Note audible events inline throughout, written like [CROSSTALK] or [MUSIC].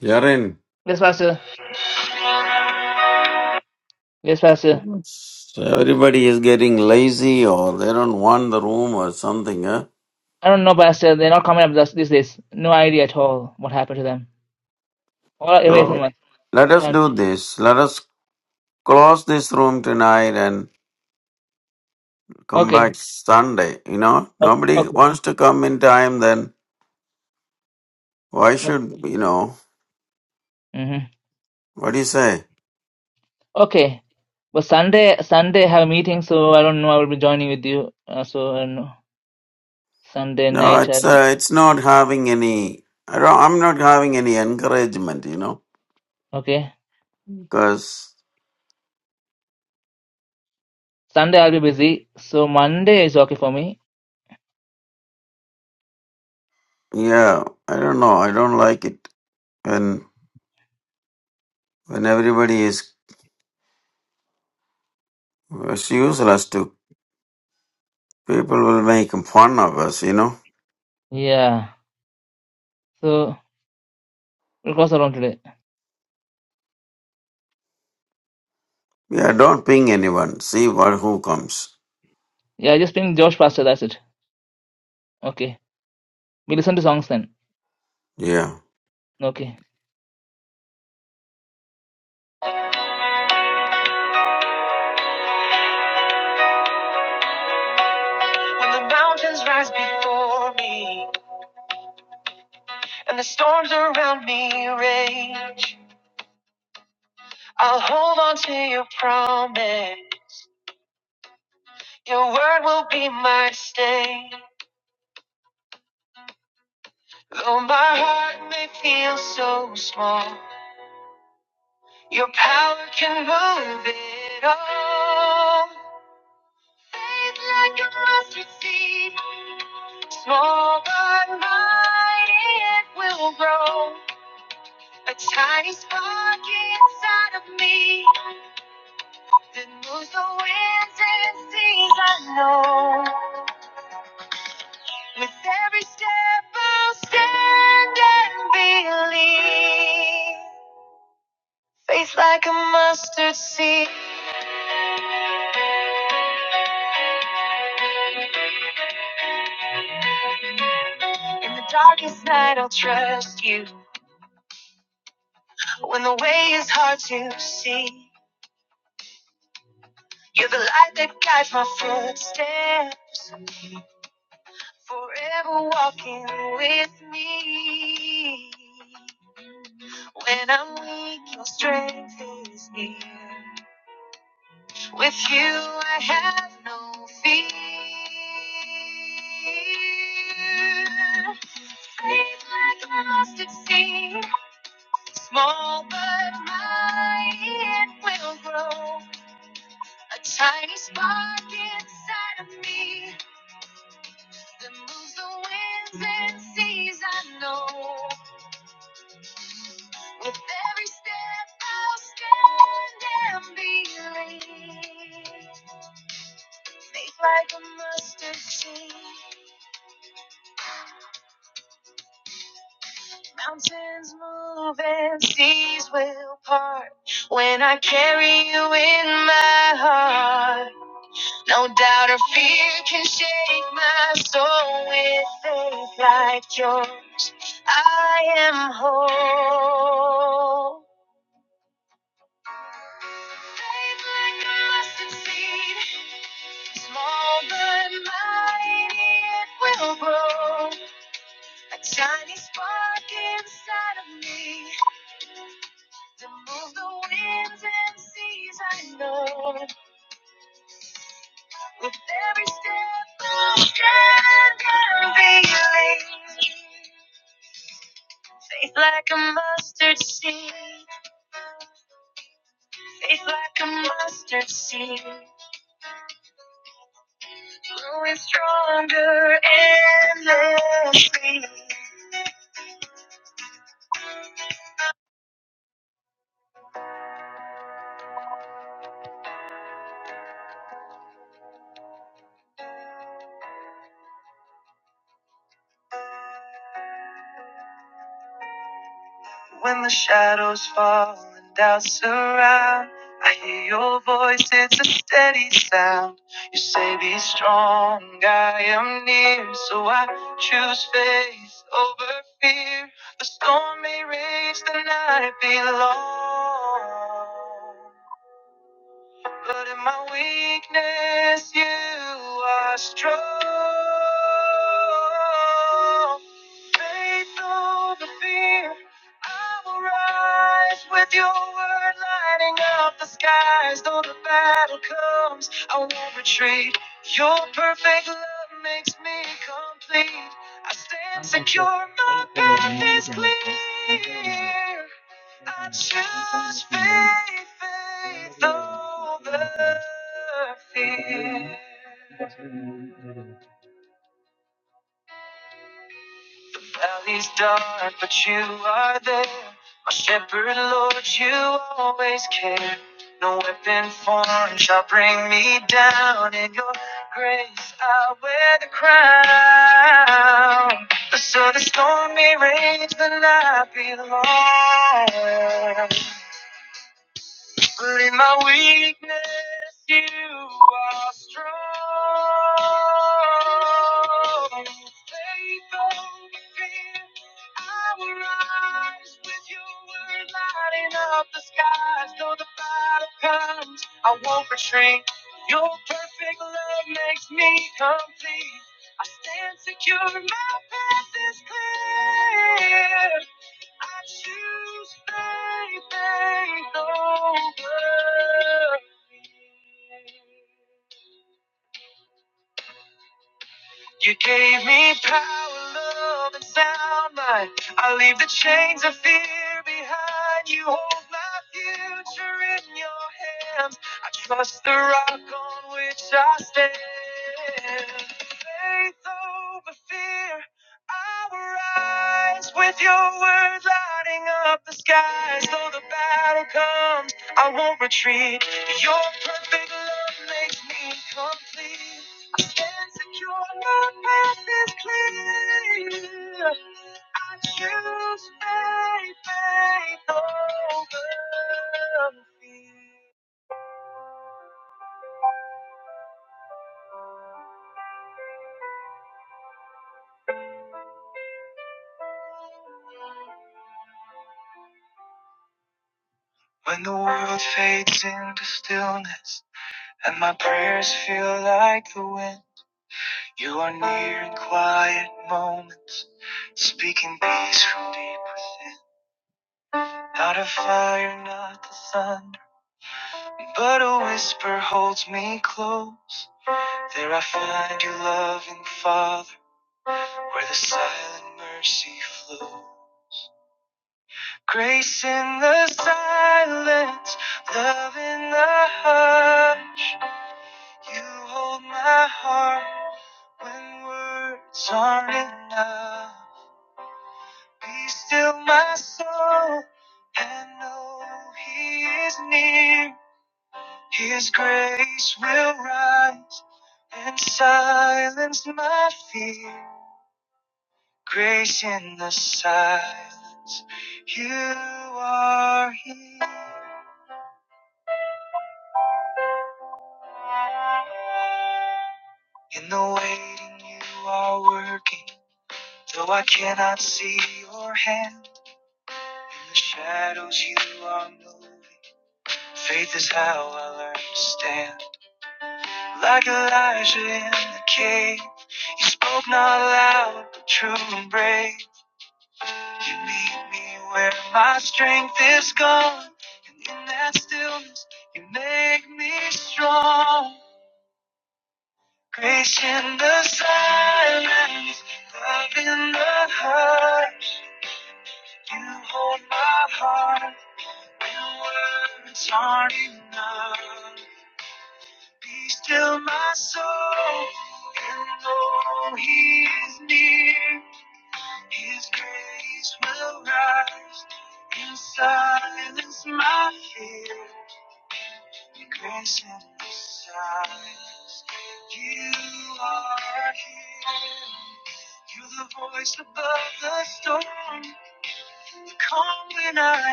Jaren, so everybody is getting lazy or they don't want the room or something. Huh? So let us do this. Let us close this room tonight and come back Sunday. You know, nobody wants to come in time. Then why should you know? What do you say? No, it's uh, it's not having any. I don't, I'm not having any encouragement. You know, because yeah, I don't know. I don't like it when when everybody is It's useless to people will make fun of us, you know. Yeah, don't ping anyone. See what who comes. Yeah.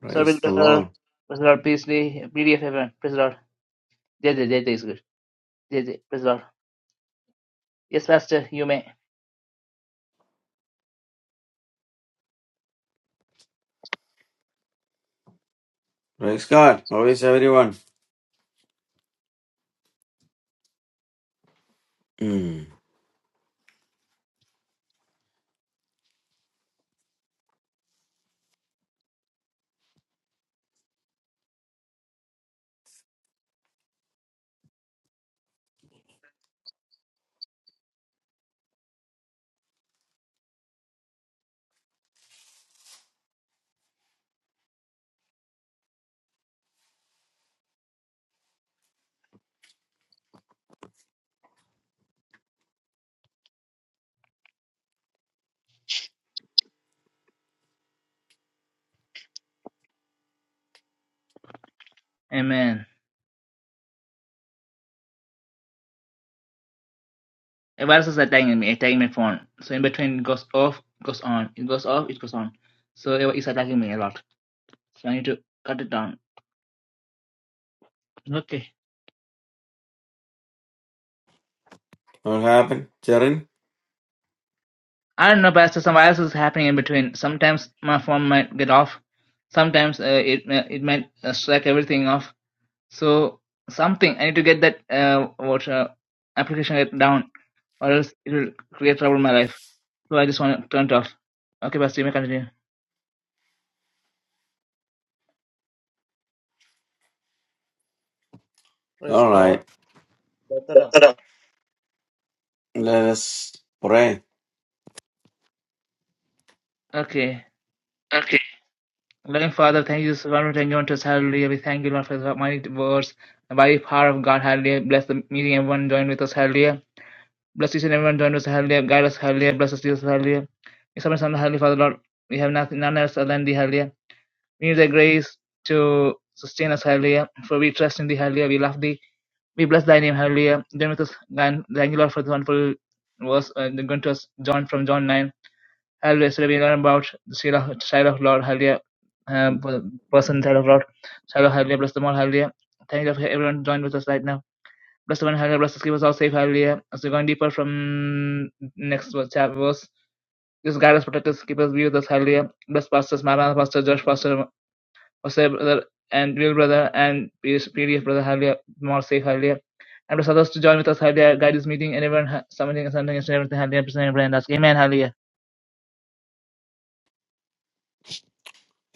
Praise the Lord. Praise God. How is everyone? Hmm. What happened, Jaren? Praise All God. right. Brethren, Let us pray. Okay.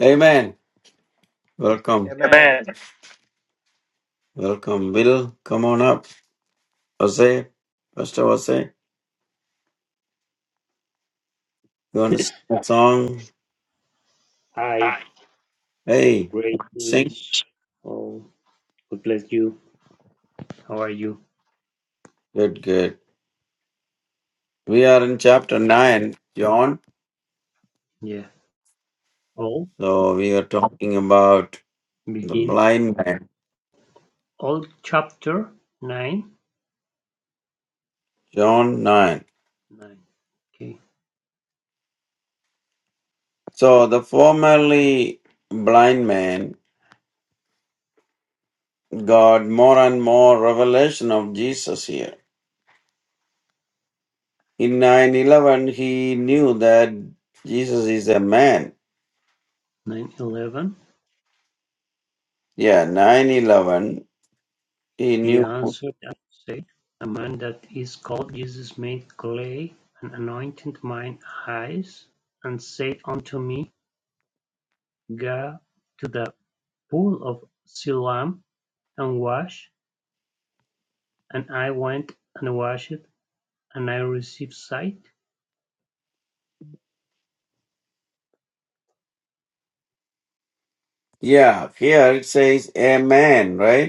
Amen. Welcome. Amen. Amen. Welcome, Will. Come on up. Jose, Pastor Jose, you want to sing a song? Hi. Hi, Hey, greetings. sing. Oh, God bless you. How are you? Good, good. We are in chapter 9, John Yeah. All So we are talking about the begin. blind man, All chapter nine. John 9. Nine. Okay. So the formerly blind man got more and more revelation of Jesus here. In 9:11 he knew that Jesus is a man. Nine eleven. Yeah, 9:11 he He knew. answered and said, A man that is called Jesus made clay and anointed mine eyes, and said unto me, Go to the pool of Siloam and wash. And I went and washed, and I received sight. Yeah, here it says a man, right?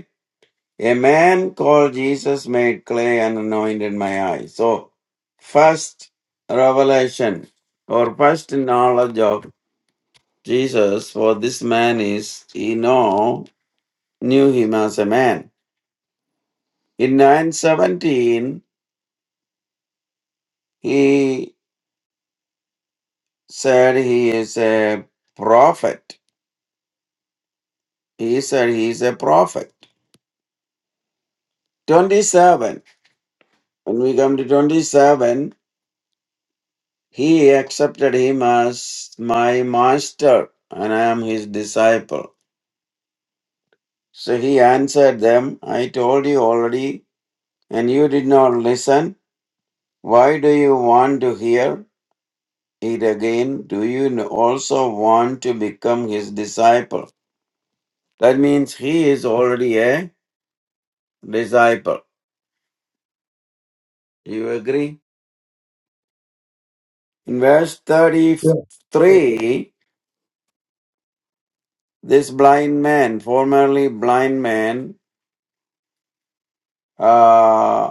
A man called Jesus made clay and anointed my eyes. So, first revelation or first knowledge of Jesus for this man is he know knew him as a man. In 917, he said he is a prophet. He said he is a prophet. 27. When we come to 27, He accepted him as my master, and I am his disciple. So he answered them, I told you already, and you did not listen. Why do you want to hear it again? Do you also want to become his disciple? That means he is already a disciple. Do you agree? In verse Yeah. yeah. 33, this blind man, formerly blind man, uh,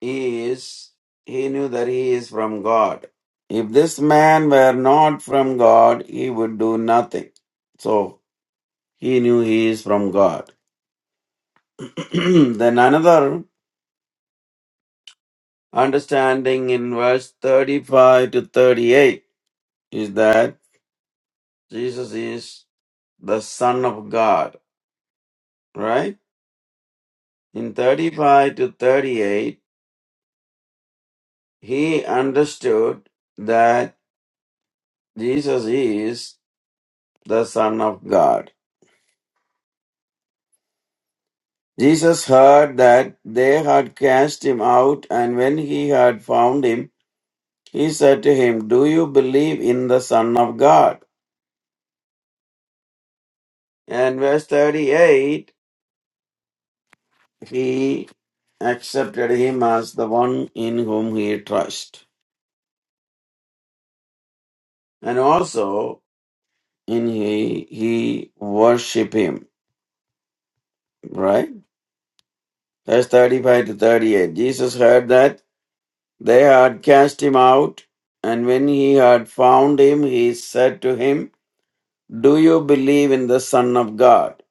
he is, he knew that he is from God. If this man were not from God, he would do nothing. So he knew he is from God. [CLEARS THROAT] then another understanding in verse 35 to 38 is that Jesus is the Son of God, right? In 35 to 38, he understood that Jesus is the Son of God. Jesus heard that they had cast him out, and when he had found him, he said to him, Do you believe in the Son of God? And verse 38, he accepted him as the one in whom he trust, and also in he he worship him. Right? Verse 35 to 38. Jesus heard that they had cast him out, and when he had found him, he said to him, Do you believe in the Son of God?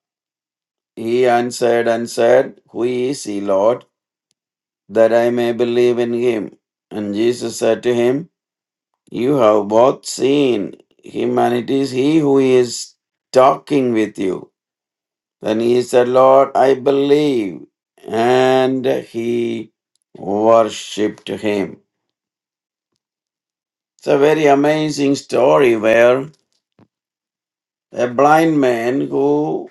He answered and said, Who is he, Lord, that I may believe in him? And Jesus said to him, You have both seen him, and it is he who is talking with you. Then he said, Lord, I believe. And he worshipped him. It's a very amazing story where a blind man who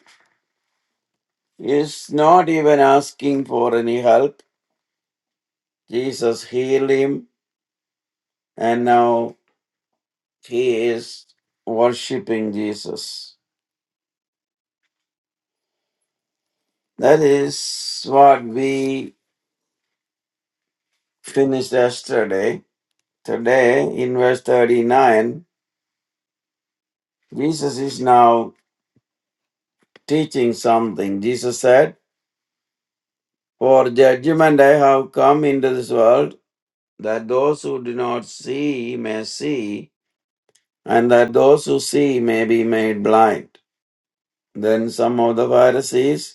is not even asking for any help Jesus healed him, and now he is worshiping Jesus. That is what we finished yesterday. Today, in verse 39, Jesus is now teaching something. Jesus said, For judgment I have come into this world, that those who do not see may see, and that those who see may be made blind. Then some of the Pharisees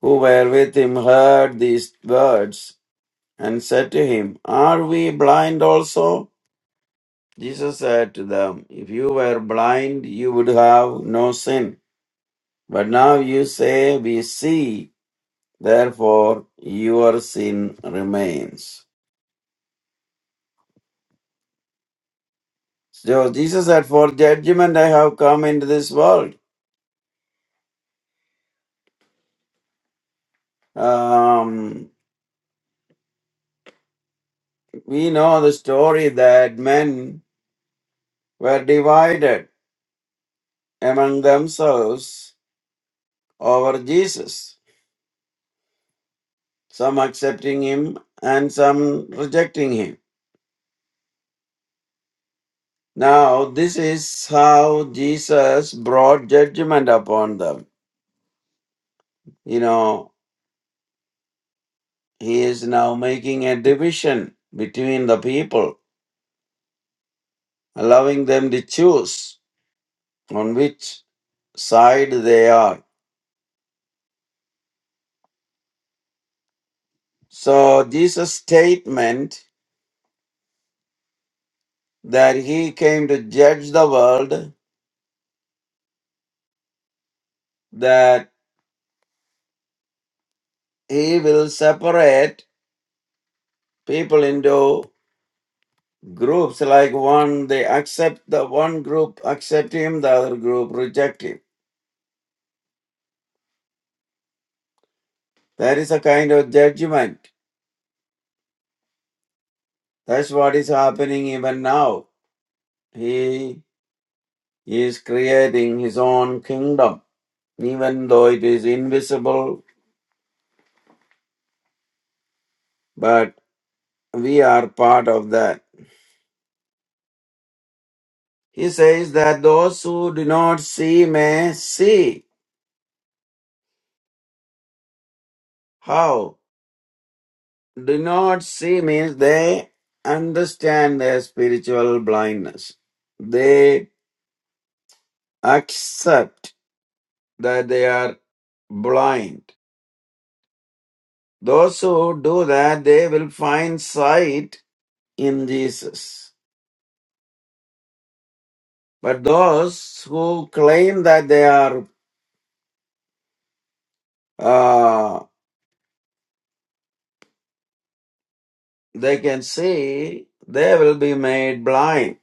who were with him heard these words and said to him, Are we blind also? Jesus said to them, If you were blind, you would have no sin. But now you say, We see, therefore your sin remains. So Jesus said, For judgment I have come into this world. Um, we know the story that men were divided among themselves over Jesus some accepting him and some rejecting him. Now, this is how Jesus brought judgment upon them. You know, he is now making a division between the people, allowing them to choose on which side they are. So, Jesus' statement that he came to judge the world, that he will separate people into groups like one they accept the one group accept him the other group reject him there is a kind of judgment that's what is happening even now he is creating his own kingdom even though it is invisible but we are part of that he says that those who do not see may see how do not see means they understand their spiritual blindness they accept that they are blind. Those who do that, they will find sight in Jesus. But those who claim that they are, uh, they can see, they will be made blind.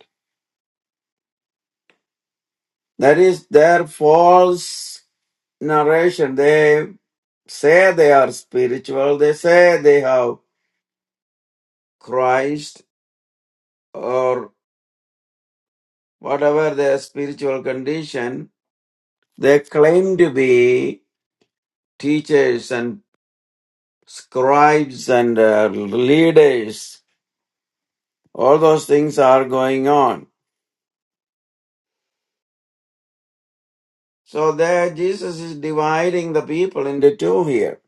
That is their false narration. They say they are spiritual. They say they have Christ or whatever their spiritual condition They claim to be teachers and scribes and uh, leaders. All those things are going on. So there Jesus is dividing the people into two here.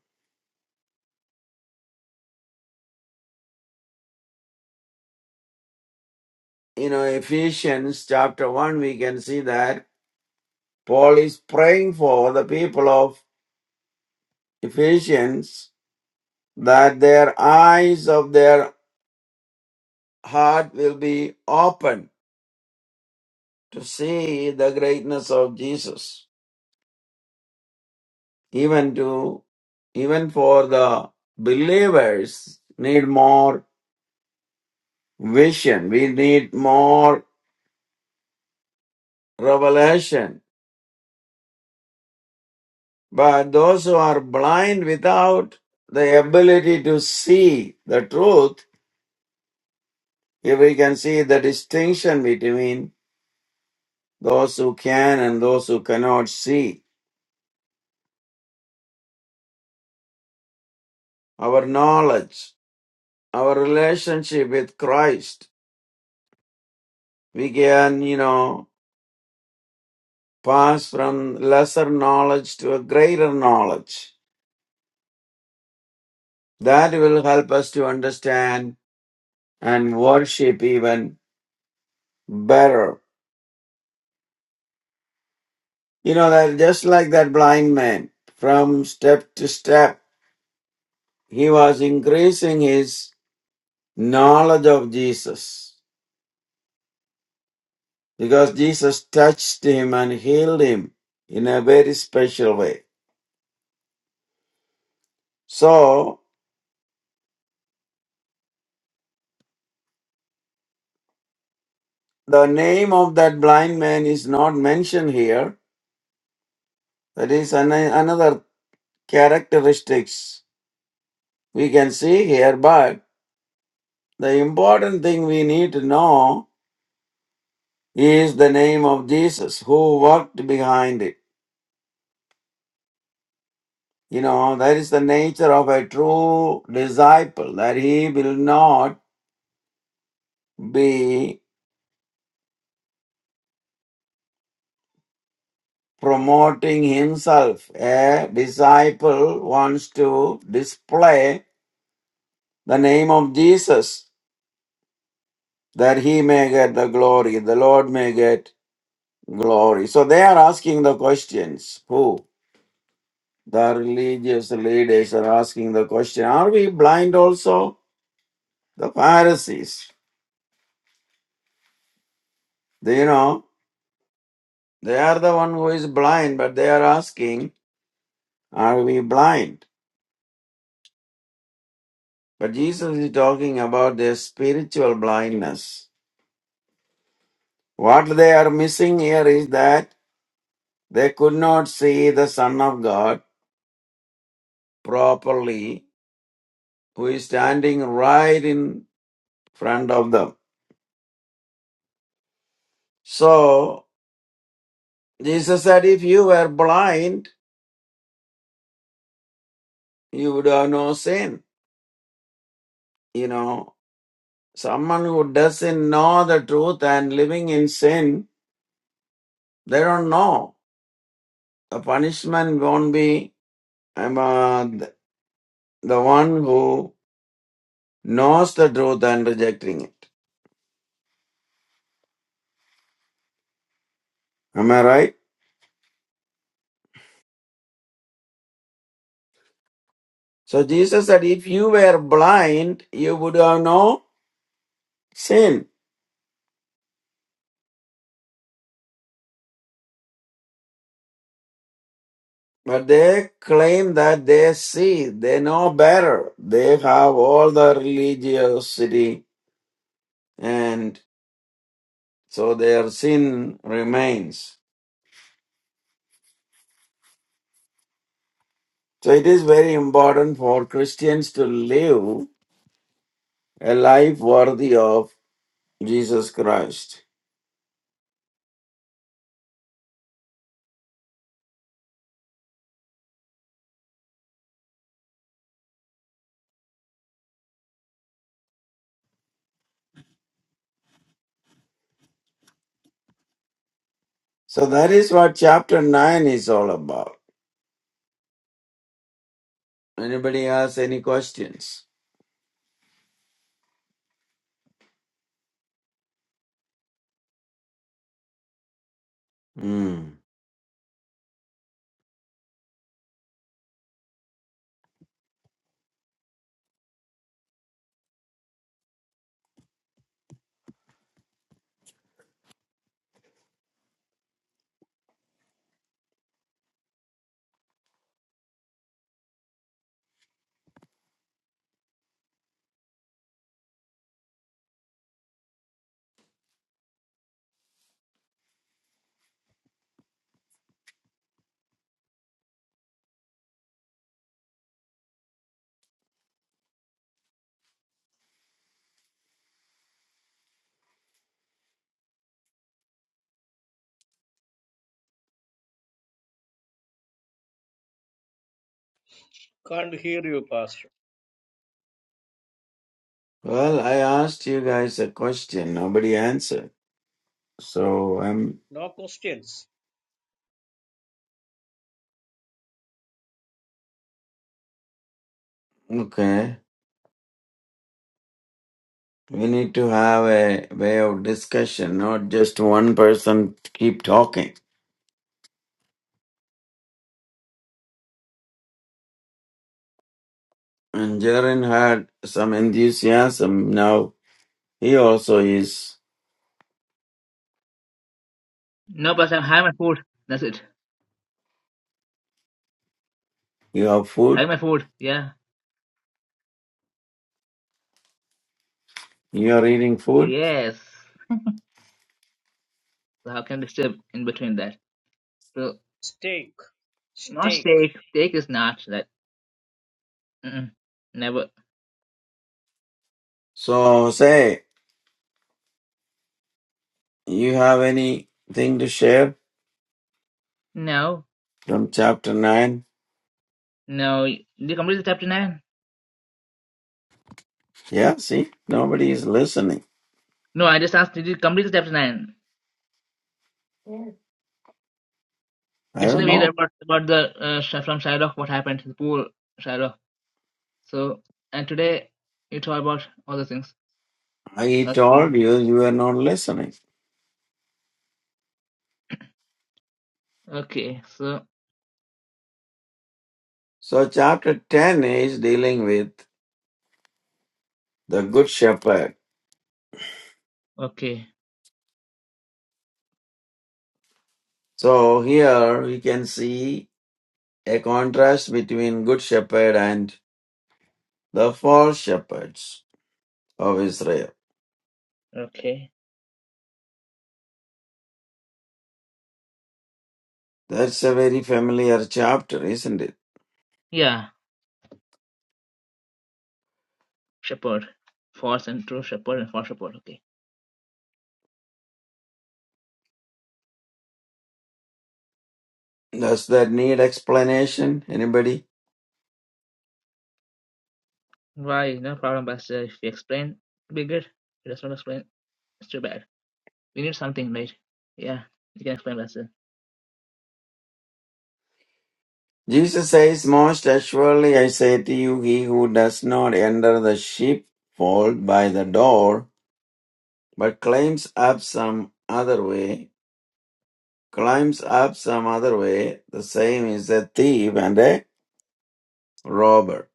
You know, Ephesians chapter 1, we can see that Paul is praying for the people of Ephesians that their eyes of their heart will be open to see the greatness of Jesus even to even for the believers need more vision we need more revelation but those who are blind without the ability to see the truth if we can see the distinction between those who can and those who cannot see our knowledge our relationship with christ we can you know pass from lesser knowledge to a greater knowledge That will help us to understand and worship even better. You know that just like that blind man, from step to step, he was increasing his knowledge of Jesus because Jesus touched him and healed him in a very special way. So the name of that blind man is not mentioned here. That is an- another characteristics we can see here, but The important thing we need to know is the name of Jesus, who worked behind it. You know, that is the nature of a true disciple, that he will not be promoting himself. A disciple wants to display the name of Jesus that he may get the glory, the Lord may get glory. So they are asking the questions who? The religious leaders are asking the question, are we blind also? The Pharisees, they, you know, they are the one who is blind, but they are asking, are we blind? But Jesus is talking about their spiritual blindness. What they are missing here is that they could not see the Son of God properly, who is standing right in front of them. So, Jesus said, if you were blind, you would have no sin. You know, someone who doesn't know the truth and living in sin, they don't know. The punishment won't be um, uh, th- the one who knows the truth and rejecting it. Am I right? So Jesus said, if you were blind, you would have no sin. But they claim that they see, they know better. They have all the religiosity and so their sin remains. So it is very important for Christians to live a life worthy of Jesus Christ. So that is what chapter 9 is all about. Anybody has any questions? Hmm. Can't hear you, Pastor. Well, I asked you guys a question, nobody answered. So I'm No questions. okay. We need to have a way of discussion, not just one person keep talking. And Jaren had some enthusiasm. Now he also is. You have food. You are eating food. Stake. Stake. So say, you have anything to share from chapter 9? Yeah, see, nobody is listening. I don't know. I told you, you were not listening. So chapter 10 is dealing with the good shepherd. So here we can see a contrast between good shepherd and the false shepherds of Israel. That's a very familiar chapter, isn't it? Does that need explanation? Anybody? Jesus says, Most assuredly I say to you, he who does not enter the sheepfold by the door, but climbs up some other way, climbs up some other way, the same is a thief and a robber.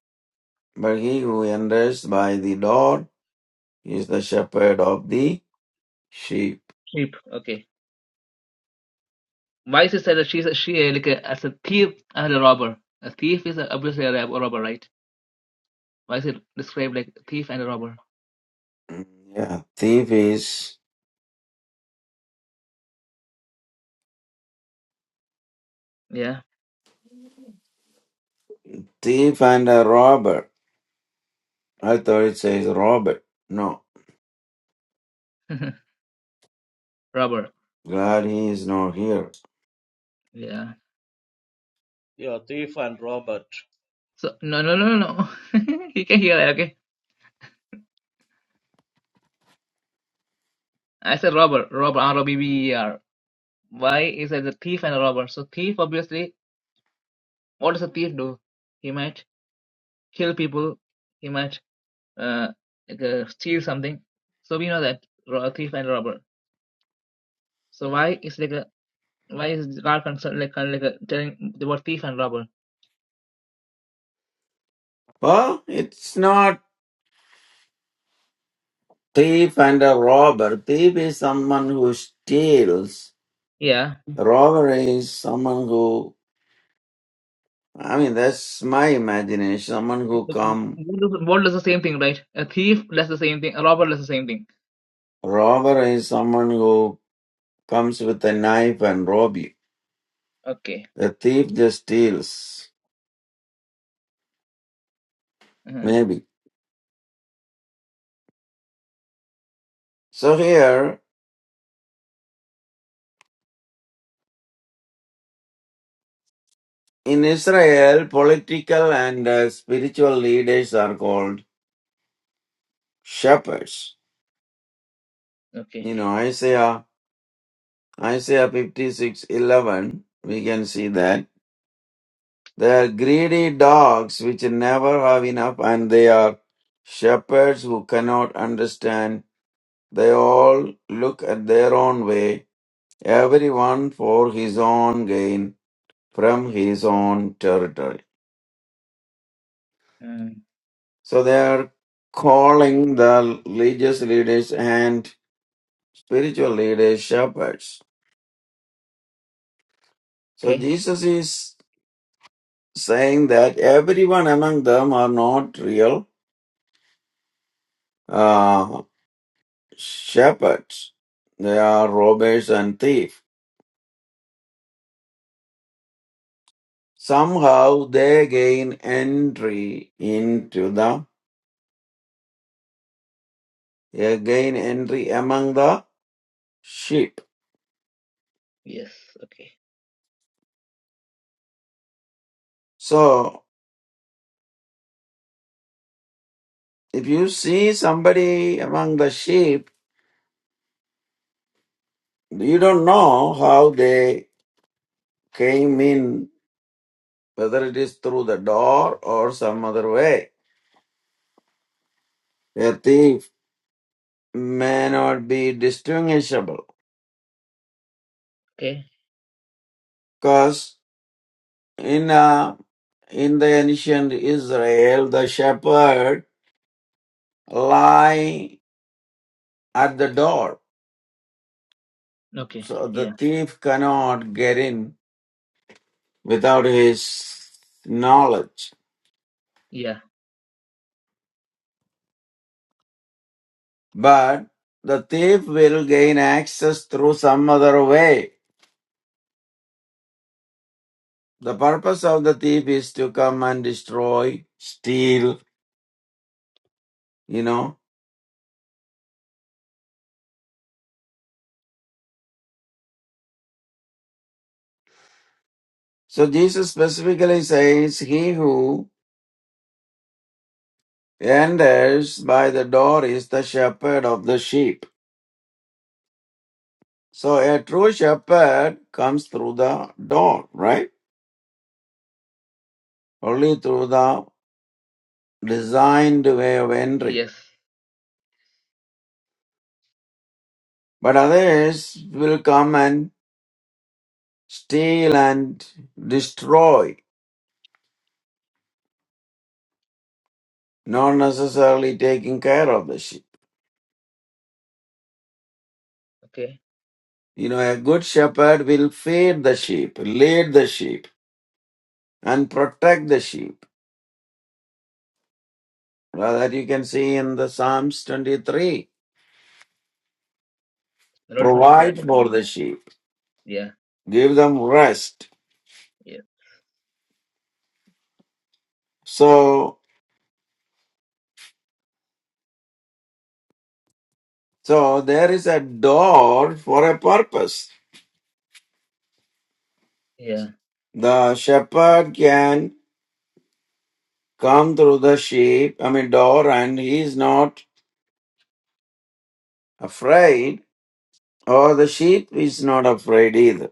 But he who enters by the door is the shepherd of the sheep. Mm, Yeah, thief is thief and a robber. I thought it says robber. No. Glad he is not here. Your thief and Robert. Well, it's not thief and a robber. Thief is someone who steals. Robber is someone who, I mean, that's my imagination. Someone who come, robber is someone who comes with a knife and rob you. The thief just steals, maybe. So here in Israel, political and uh, spiritual leaders are called shepherds. You know, Isaiah Isaiah 56 11, we can see that. They are greedy dogs which never have enough, and they are shepherds who cannot understand. They all look at their own way, everyone for his own gain from his own territory. So they are calling the religious leaders and spiritual leaders shepherds. So Jesus is saying that everyone among them are not real uh, shepherds. They are robbers and thieves. Somehow they gain entry into the, they gain entry among the sheep. So if you see somebody among the sheep, you don't know how they came in, whether it is through the door or some other way. A thief may not be distinguishable because In uh, in the ancient Israel, the shepherd lie at the door, so the thief cannot get in without his knowledge. But the thief will gain access through some other way. The purpose of the thief is to come and destroy, steal, you know. So Jesus specifically says, He who enters by the door is the shepherd of the sheep. So a true shepherd comes through the door, right? Only through the designed way of entry. But others will come and steal and destroy, not necessarily taking care of the sheep. You know, a good shepherd will feed the sheep, lead the sheep, and protect the sheep. Well, That you can see in the Psalms 23. Provide for the sheep, give them rest. So So there is a door for a purpose. The shepherd can come through the sheep, I mean door, and he is not afraid, or the sheep is not afraid either.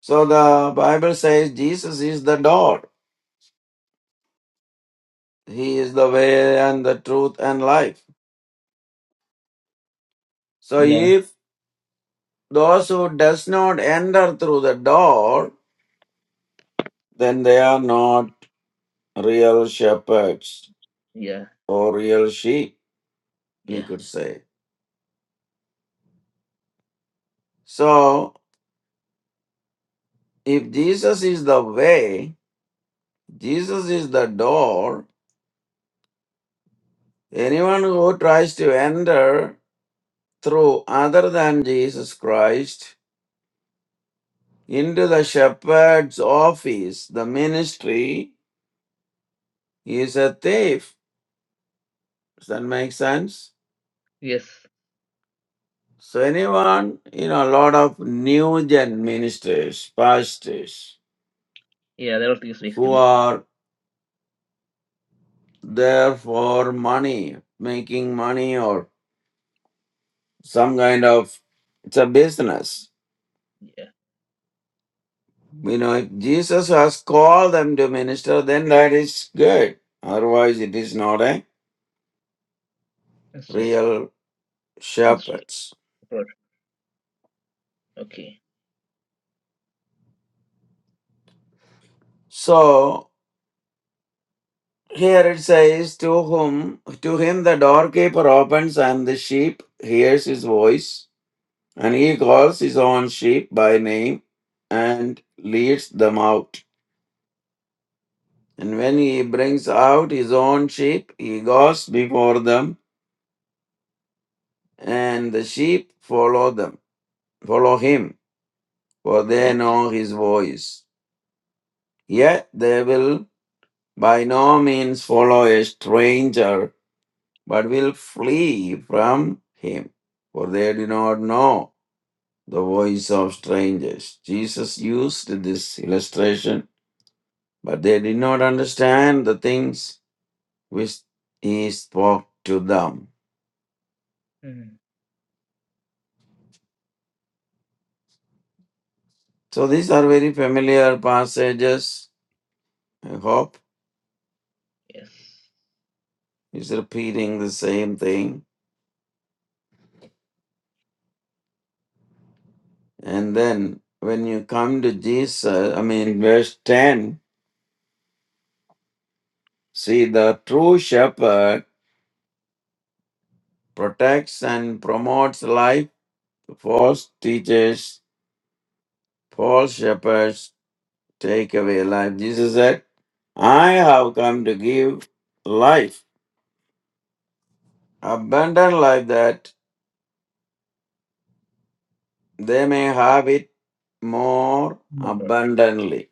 So the Bible says Jesus is the door. He is the way and the truth and life. So if those who does not enter through the door, then they are not real shepherds or real sheep, we could say. So if Jesus is the way, Jesus is the door, anyone who tries to enter through other than Jesus Christ into the shepherd's office, the ministry, is a thief. Does that make sense? So, anyone, you know, a lot of new gen ministers, pastors, who are there for money, making money or some kind of, it's a business You know, if Jesus has called them to minister, then that is good. Otherwise, it is not a real shepherds. So here it says, To whom to him the doorkeeper opens and the sheep hears his voice, and he calls his own sheep by name and leads them out. And when he brings out his own sheep, he goes before them, and the sheep follow them, follow him for they know his voice. Yet they will by no means follow a stranger, but will flee from him, for they do not know the voice of strangers. Jesus used this illustration, but they did not understand the things which he spoke to them. So these are very familiar passages. I hope he's repeating the same thing And then when you come to Jesus, I mean, verse 10, see, the true shepherd protects and promotes life, false teachers, false shepherds take away life. Jesus said, I have come to give life, abundant life, that they may have it more abundantly.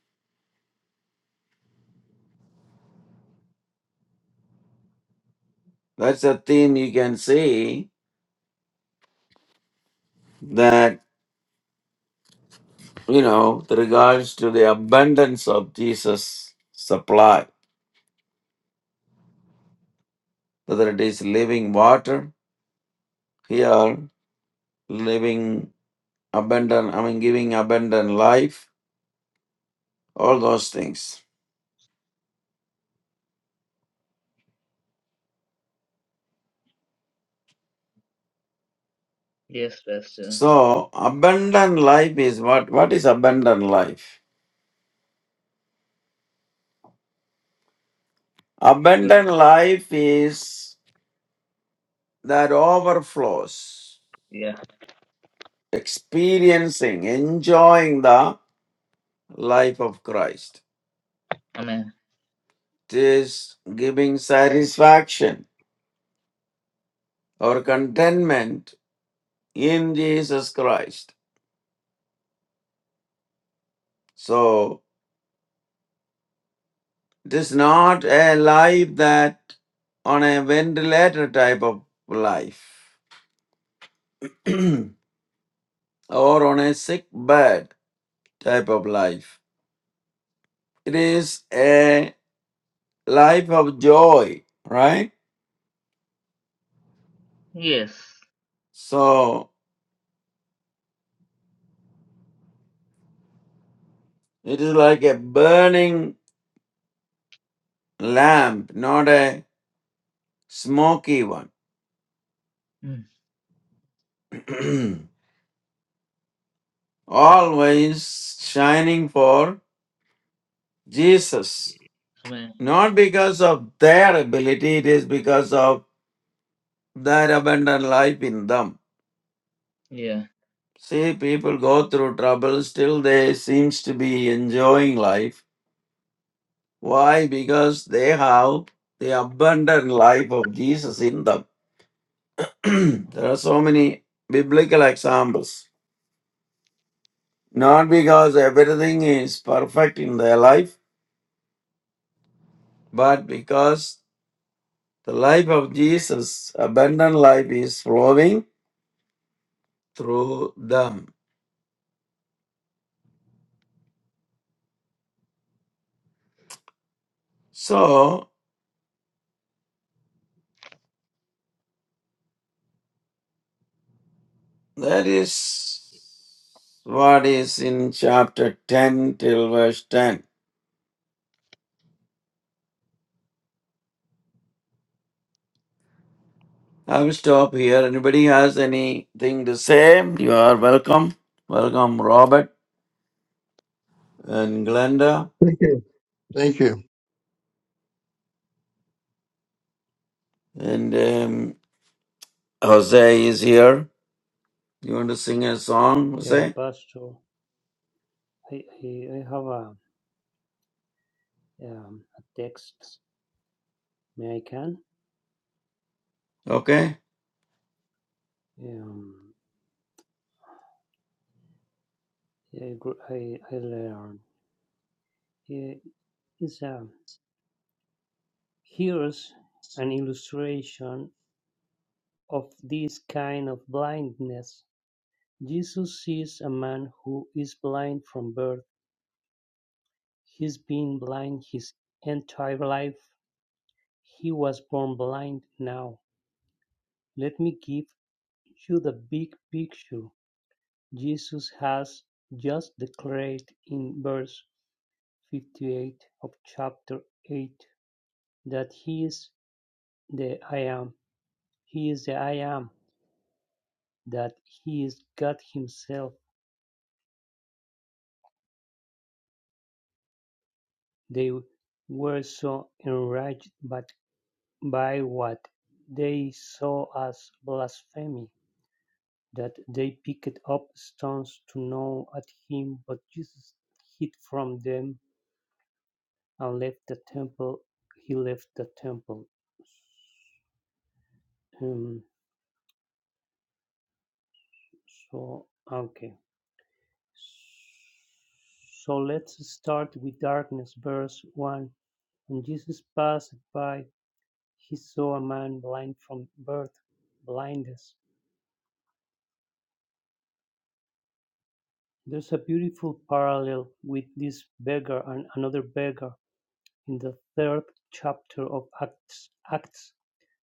That's a theme you can see that. you know, with regards to the abundance of Jesus' supply, whether it is living water here, living abundant, I mean, giving abundant life, all those things. So, abundant life is what? What is abundant life? Abundant life is that overflows, experiencing, enjoying the life of Christ. It is giving satisfaction or contentment in Jesus Christ. So it is not a life that on a ventilator type of life [CLEARS THROAT] or on a sick bed type of life. It is a life of joy, right? So it is like a burning lamp, not a smoky one. [CLEARS THROAT] Always shining for Jesus Not because of their ability, it is because of their abundant life in them. See, people go through trouble, still they seems to be enjoying life. Why? Because they have the abundant life of Jesus in them. [CLEARS THROAT] there are so many biblical examples. Not because everything is perfect in their life, but because the life of Jesus, abundant life, is flowing through them. So That is what is in chapter 10 till verse 10. I will stop here. Anybody has anything to say? You are welcome. Welcome, Robert and Glenda. Thank you. Thank you. And um, Jose is here. You want to sing a song, Yeah, Jose? Pastor. I I I have a um, a text American. Okay. Um, I gr- I I learn. I- a here's an illustration of this kind of blindness. Jesus sees a man who is blind from birth. He's been blind his entire life. He was born blind now. Let me give you the big picture. Jesus has just declared in verse fifty-eight of chapter eight, that he is the I Am, he is the I Am, that he is God himself. They were so enraged but by what they saw as blasphemy that they picked up stones to gnaw at him, but Jesus hid from them and left the temple. He left the temple. Um, so, okay. So let's start with darkness, verse 1. When Jesus passed by, he saw a man blind from birth, blindness. There's a beautiful parallel with this beggar and another beggar in the third chapter of Acts, Acts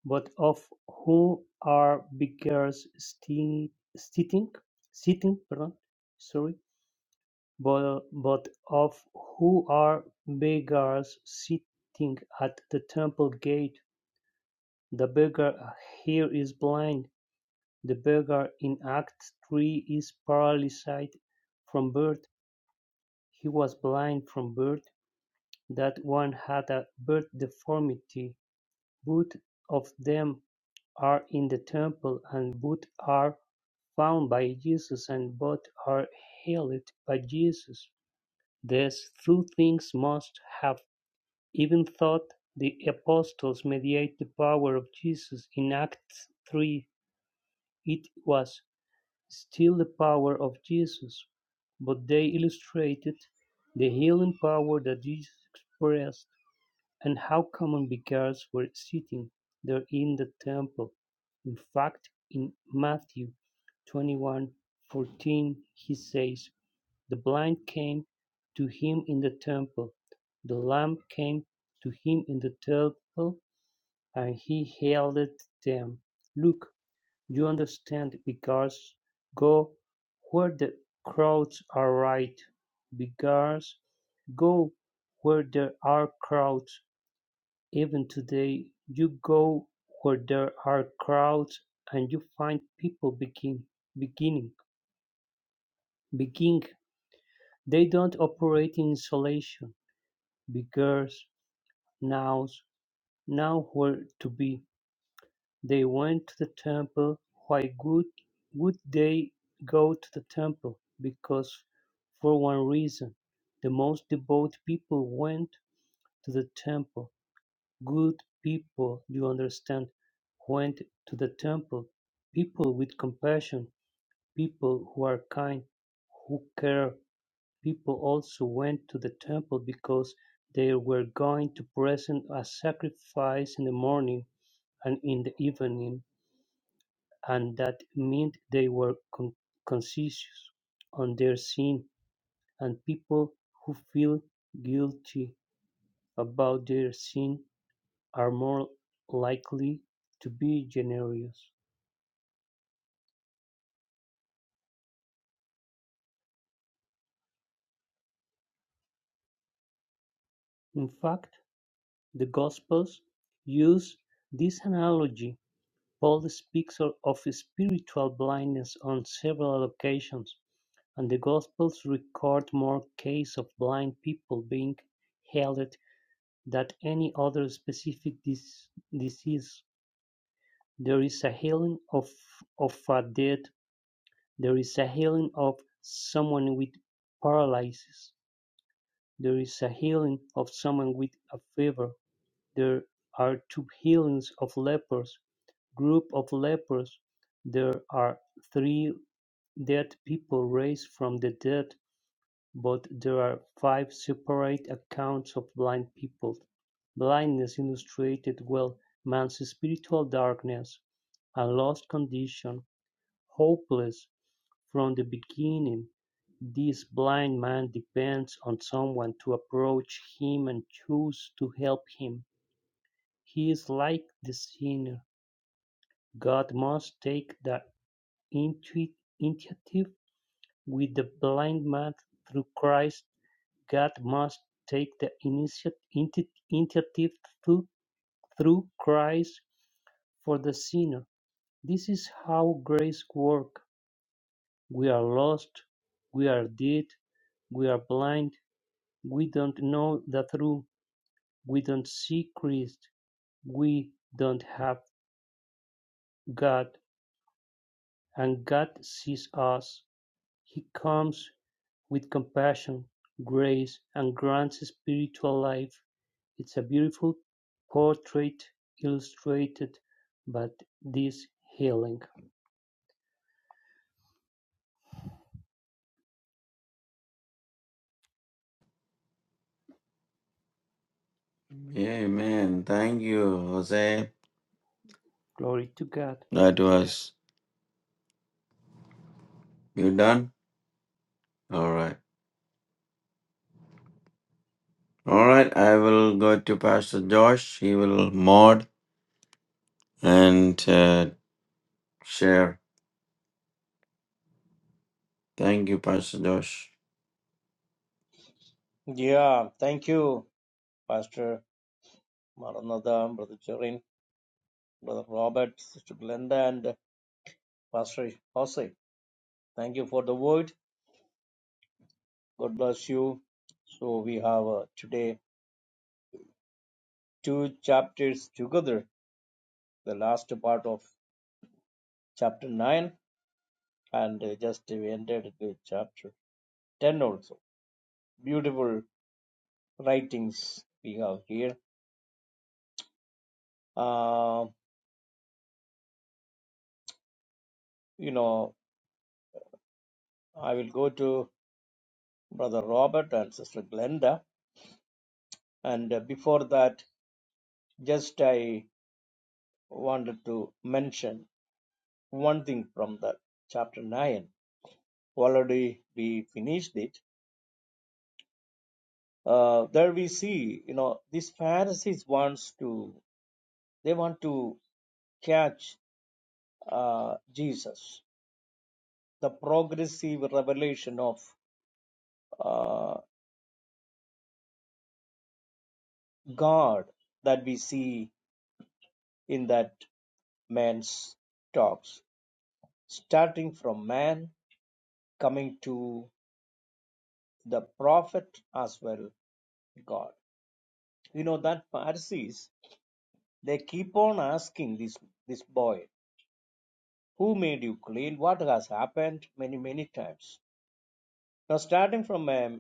but of who are beggars sti- sitting, sitting, pardon, sorry, bo- both of who are beggars sitting at the temple gate. The beggar here is blind. The beggar in Act 3 is paralyzed from birth. He was blind from birth. That one had a birth deformity. Both of them are in the temple, and both are found by Jesus, and both are healed by Jesus. These three things must have even taught the apostles mediate the power of Jesus. In Acts 3, it was still the power of Jesus, but they illustrated the healing power that Jesus expressed and how common beggars were sitting there in the temple. In fact, in Matthew 21:14, he says, the blind came to him in the temple, the lame came to him in the temple, and he healed them. Look, you understand, because go where the crowds are right, because go where there are crowds. Even today, you go where there are crowds and you find people begin, beginning, beginning. They don't operate in isolation Beggars now nowhere to be, they went to the temple. Why would, would they go to the temple? Because, for one reason, the most devout people went to the temple. Good people, you understand, went to the temple. People with compassion, people who are kind, who care People also went to the temple because they were going to present a sacrifice in the morning and in the evening, and that meant they were con- conscious on their sin, and people who feel guilty about their sin are more likely to be generous. In fact, the Gospels use this analogy Paul speaks of spiritual blindness on several occasions, and the Gospels record more cases of blind people being healed than any other specific dis- disease. There is a healing of, of a dead, there is a healing of someone with paralysis, there is a healing of someone with a fever, there are two healings of lepers, group of lepers, there are three Dead people raise from the dead, but there are five separate accounts of blind people. Blindness illustrated well man's spiritual darkness, a lost condition, hopeless from the beginning. This blind man depends on someone to approach him and choose to help him. He is like the sinner. God must take the intu- initiative With the blind man through Christ, God must take the initiative through Christ for the sinner. This is how grace works. We are lost, we are dead, we are blind, we don't know the truth, we don't see Christ, we don't have God, and God sees us. He comes with compassion, grace, and Grant's spiritual life. It's a beautiful portrait illustrated by this healing. Amen. Thank you, Jose. Glory to God. That was you done. All right. All right. I will go to Pastor Josh. He will mod and uh, share. Thank you, Pastor Josh. Yeah, thank you, Pastor Maranatha, Brother Jerin, Brother Robert, Sister Glenda, and Pastor Jose. Thank you for the word. God bless you. So we have uh, today two chapters together, the last part of chapter 9, and uh, just we ended with chapter 10 also. Beautiful writings we have here. Uh, you know, I will go to Brother Robert and Sister Glenda. And uh, before that, just I wanted to mention one thing from the chapter 9. Already we finished it. Uh, there we see, you know, these Pharisees wants to, they want to catch uh, Jesus. The progressive revelation of uh, God that we see in that man's talks, starting from man, coming to the prophet as well, God. You know that Pharisees they keep on asking this this boy, who made you clean? What has happened? Many many times. Now starting from um,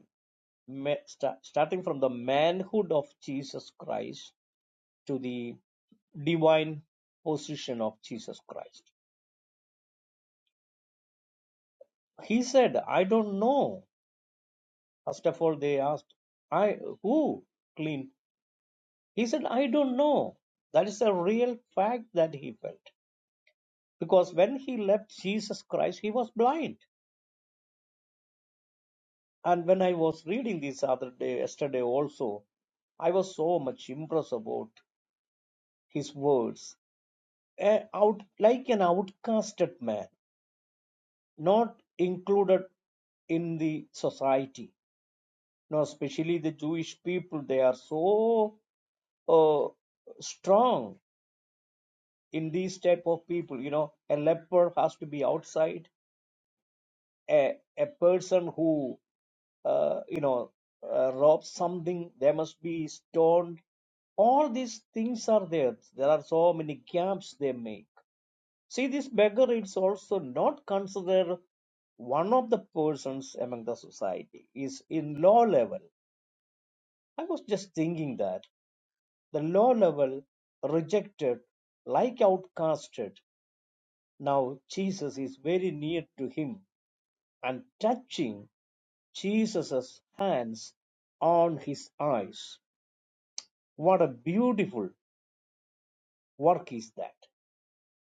ma- starting from the manhood of Jesus Christ to the divine position of Jesus Christ. He said, I don't know. First of all, they asked, I who cleaned He said, I don't know. That is a real fact that he felt. Because when he left Jesus Christ, he was blind. And when I was reading this other day, yesterday also, I was so much impressed about his words. A- out like an outcasted man, not included in the society. Now, especially the Jewish people, they are so uh, strong in these type of people. You know, a leper has to be outside a, a person who uh, you know uh, robs something they must be stoned all these things are there there are so many gaps they make see this beggar is also not considered one of the persons among the society is in low level i was just thinking that the low level rejected like outcasted now jesus is very near to him and touching Jesus' hands on his eyes. What a beautiful work is that!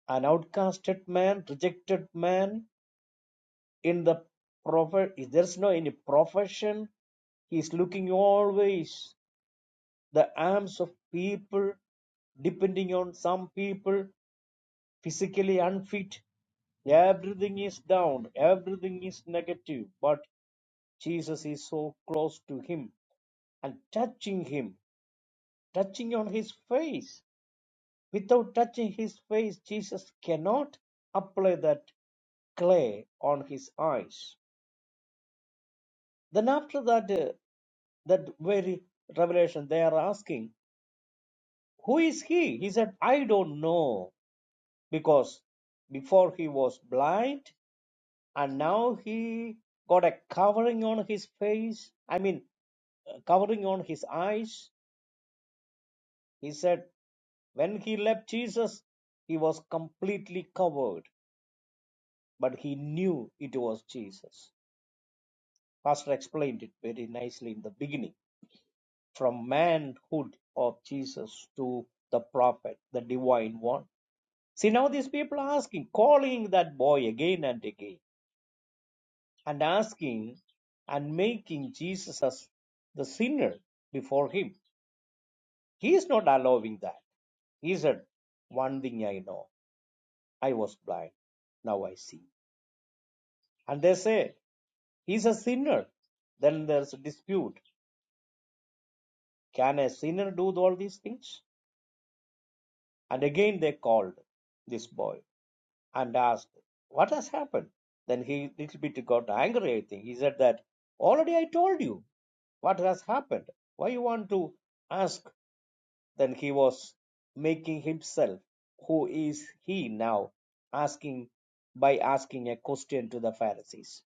An outcasted man, rejected man in the prophet, there's no any profession. He's looking always the arms of people, depending on some people, physically unfit. Everything is down, everything is negative, but Jesus is so close to him and touching him, touching on his face Without touching his face, Jesus cannot apply that clay on his eyes. Then after that, uh, that very revelation, they are asking, who is he? He said, I don't know, because before he was blind, and now he got a covering on his face. I mean, uh, covering on his eyes. He said, when he left Jesus, he was completely covered, but he knew it was Jesus Pastor explained it very nicely in the beginning. From manhood of Jesus to the prophet, the divine one. See, now these people are asking, calling that boy again and again, and asking and making Jesus as the sinner before him. He is not allowing that. He said, One thing I know, I was blind, now I see. And they say, He's a sinner. Then there's a dispute. Can a sinner do all these things? And again they called this boy and asked, What has happened? Then he little bit got angry, I think. He said that already I told you what has happened. Why you want to ask? Then he was making himself who is he now asking by asking a question to the Pharisees.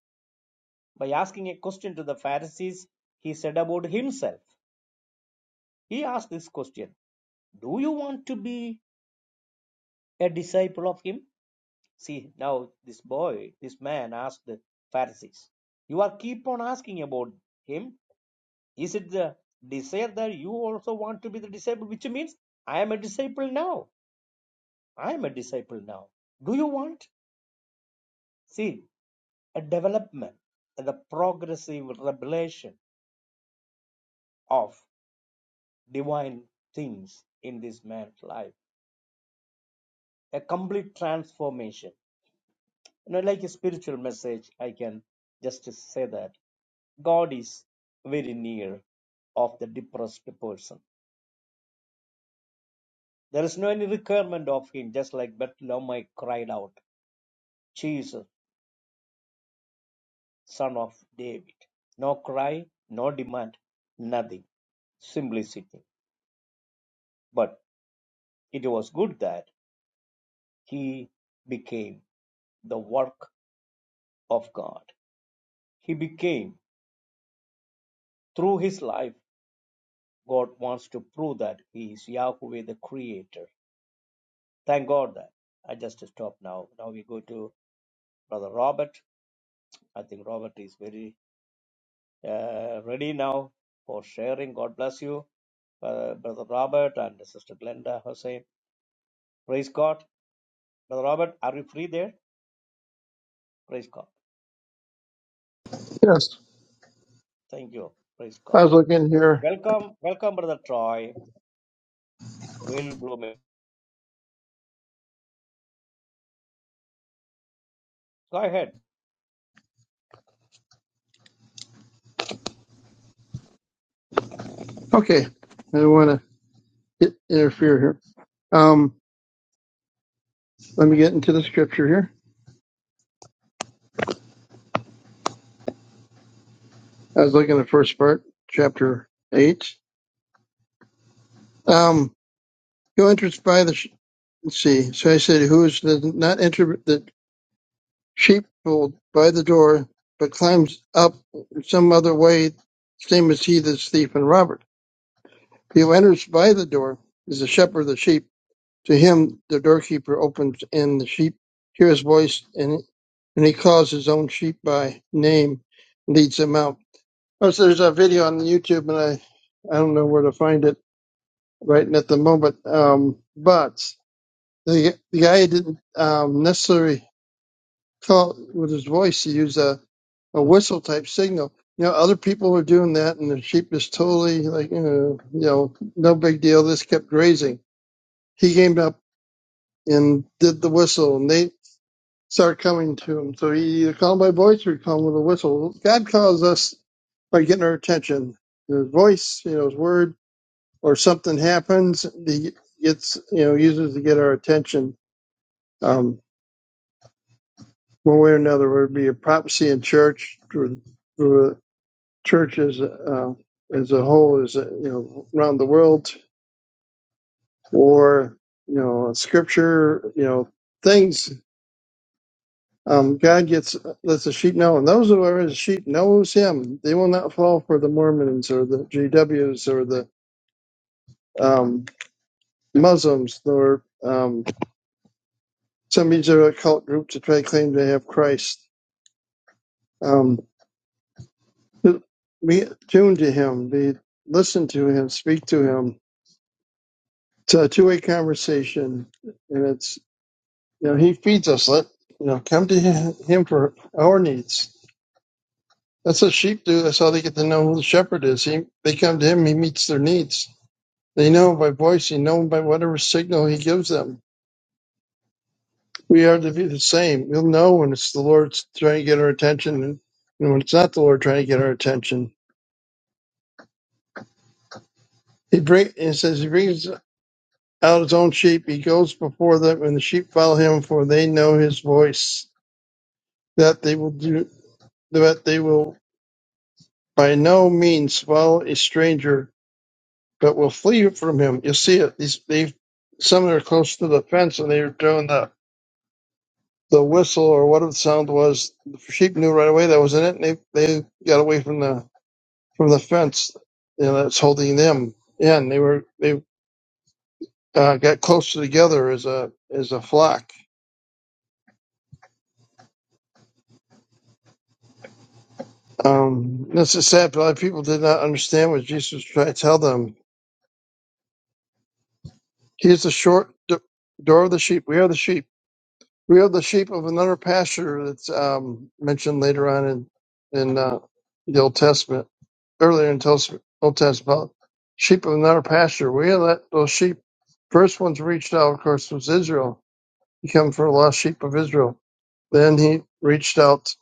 By asking a question to the Pharisees, he said about himself. He asked this question Do you want to be a disciple of him? See, now this boy, this man asked the Pharisees, You are keep on asking about him. Is it the desire that you also want to be the disciple? Which means, I am a disciple now. I am a disciple now. Do you want? See, a development and the progressive revelation of divine things in this man's life, a complete transformation. You know, like a spiritual message, I can just say that God is very near of the depressed person. There is no any requirement of him, just like Bethlehem cried out, Jesus, son of David. No cry, no demand, nothing, simplicity. But it was good that he became the work of God. He became, through his life, God wants to prove that he is Yahweh the Creator. Thank God that. I just stop now. Now we go to Brother Robert. I think Robert is very uh, ready now for sharing. God bless you, uh, Brother Robert and Sister Glenda Hussein. Praise God. Brother Robert, are you free there? Praise God. Yes. Thank you. Praise I God. was looking here. Welcome, welcome, Brother Troy. Will Bloom. Go ahead. Okay. I don't want to interfere here. Um, let me get into the scripture here. I was looking at first part, chapter eight. Um, who enters by the, sh- let's see. So I said, who is the, not enter the sheepfold by the door, but climbs up some other way, same as he that's thief and robber. He who enters by the door is the shepherd of the sheep. To him the doorkeeper opens, and the sheep hear his voice, and and he calls his own sheep by name, leads them out. Oh, so there's a video on YouTube, and I I don't know where to find it right at the moment. Um, but the the guy didn't um, necessarily call with his voice. He used a a whistle type signal. You know, other people were doing that, and the sheep just totally like, uh, you know, no big deal. This kept grazing. He came up and did the whistle, and they start coming to him. So he either called by voice or he called with a whistle. God calls us by getting our attention. His voice, you know, his word, or something happens, he gets, you know, uses to get our attention. Um, one way or another, whether it be a prophecy in church or, or church as, uh, as a whole, is you know, around the world, or, you know, scripture, you know, things Um, God gets lets the sheep know, and those who are his sheep knows him. They will not fall for the Mormons or the GWs or the um, Muslims or um, some of these other occult groups that try to claim they have Christ. Um, be tuned to him, be listen to him, speak to him. It's a two way conversation, and it's you know he feeds us. Let you know come to him him for our needs. That's what sheep do. That's how they get to know who the shepherd is. He, they come to him. He meets their needs. They know by voice. They know by whatever signal he gives them. We are to be the same. We'll know when it's the Lord trying to get our attention and when it's not the Lord trying to get our attention. He bring, it says he brings out his own sheep. He goes before them and the sheep follow him for they know his voice. That they will do, that they will by no means follow a stranger, but will flee from him. You'll see it. These, they, some that are close to the fence and they're doing the the whistle or whatever the sound was, the sheep knew right away that was in it, and they they got away from the from the fence, you know, that's holding them in. They were they uh, got closer together as a as a flock. Um, that's just sad. A lot of people did not understand what Jesus was trying to tell them. He is the short d- door of the sheep. We are the sheep. We have the sheep of another pasture that's um, mentioned later on in in uh, the Old Testament, earlier in Tos- Old Testament, about sheep of another pasture. We are that those sheep. First ones reached out, of course, was Israel. He came for the lost sheep of Israel. Then he reached out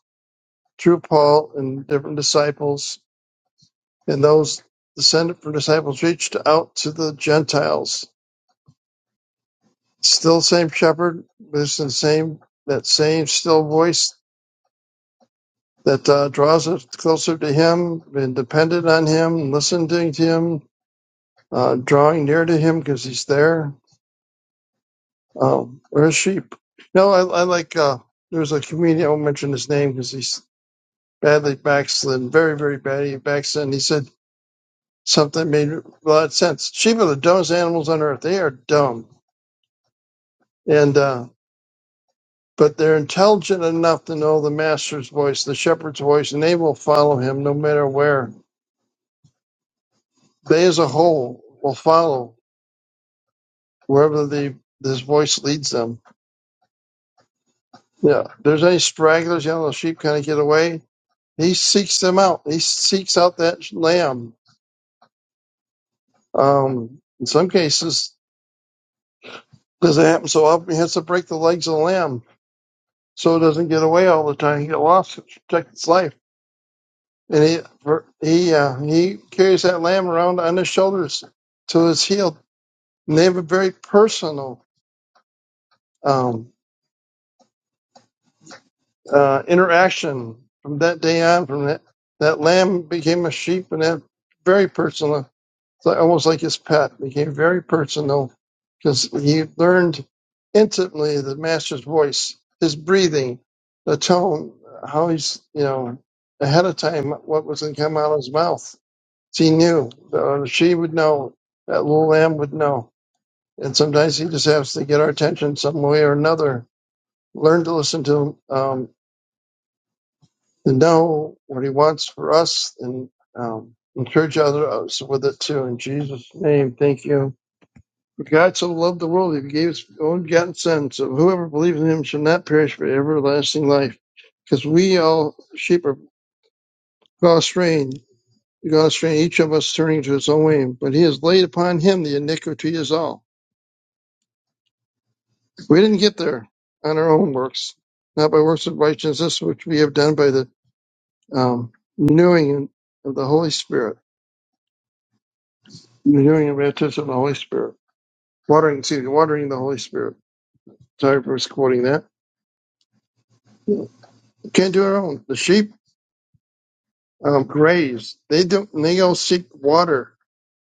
through Paul and different disciples, and those descended from disciples reached out to the Gentiles. Still, same shepherd, listen, same that same still voice that uh, draws us closer to Him, being dependent on Him, listening to Him, uh, drawing near to Him because He's there. Um, we're a sheep. No, I, I like. Uh, there was a comedian. I won't mention his name because he's badly backslidden, very, very badly backslidden. He said something that made a lot of sense. Sheep are the dumbest animals on earth. They are dumb, and uh, but they're intelligent enough to know the master's voice, the shepherd's voice, and they will follow him no matter where. They, as a whole, will follow wherever the this voice leads them. Yeah. If there's any stragglers, you know, the sheep kind of get away. He seeks them out. He seeks out that lamb. Um, in some cases, doesn't happen so often. He has to break the legs of the lamb so it doesn't get away all the time. He get lost, to protect its life. And he for, he uh, he carries that lamb around on his shoulders till it's healed. And they have a very personal. um, uh, interaction from that day on. From that, that lamb became a sheep, and that very personal, like- almost like his pet, became very personal because he learned intimately the master's voice, his breathing, the tone, how he's you know ahead of time what was going to come out of his mouth. He knew, uh, she would know, that little lamb would know. And sometimes he just has to get our attention some way or another. Learn to listen to him. um, to know what He wants for us and um, encourage others with it too. In Jesus' name, thank you. For God so loved the world, He gave His own begotten Son, so whoever believes in Him shall not perish but everlasting life. Because we all sheep are gone astray, gone astray, each of us turning to his own way. But He has laid upon Him the iniquity is all. We didn't get there on our own works, not by works of righteousness which we have done by the um, renewing of the Holy Spirit The hearing and baptism of the Holy Spirit. Watering, excuse me, watering the Holy Spirit. Sorry for quoting that. Can't do our own. The sheep um, graze. They don't. They go seek water.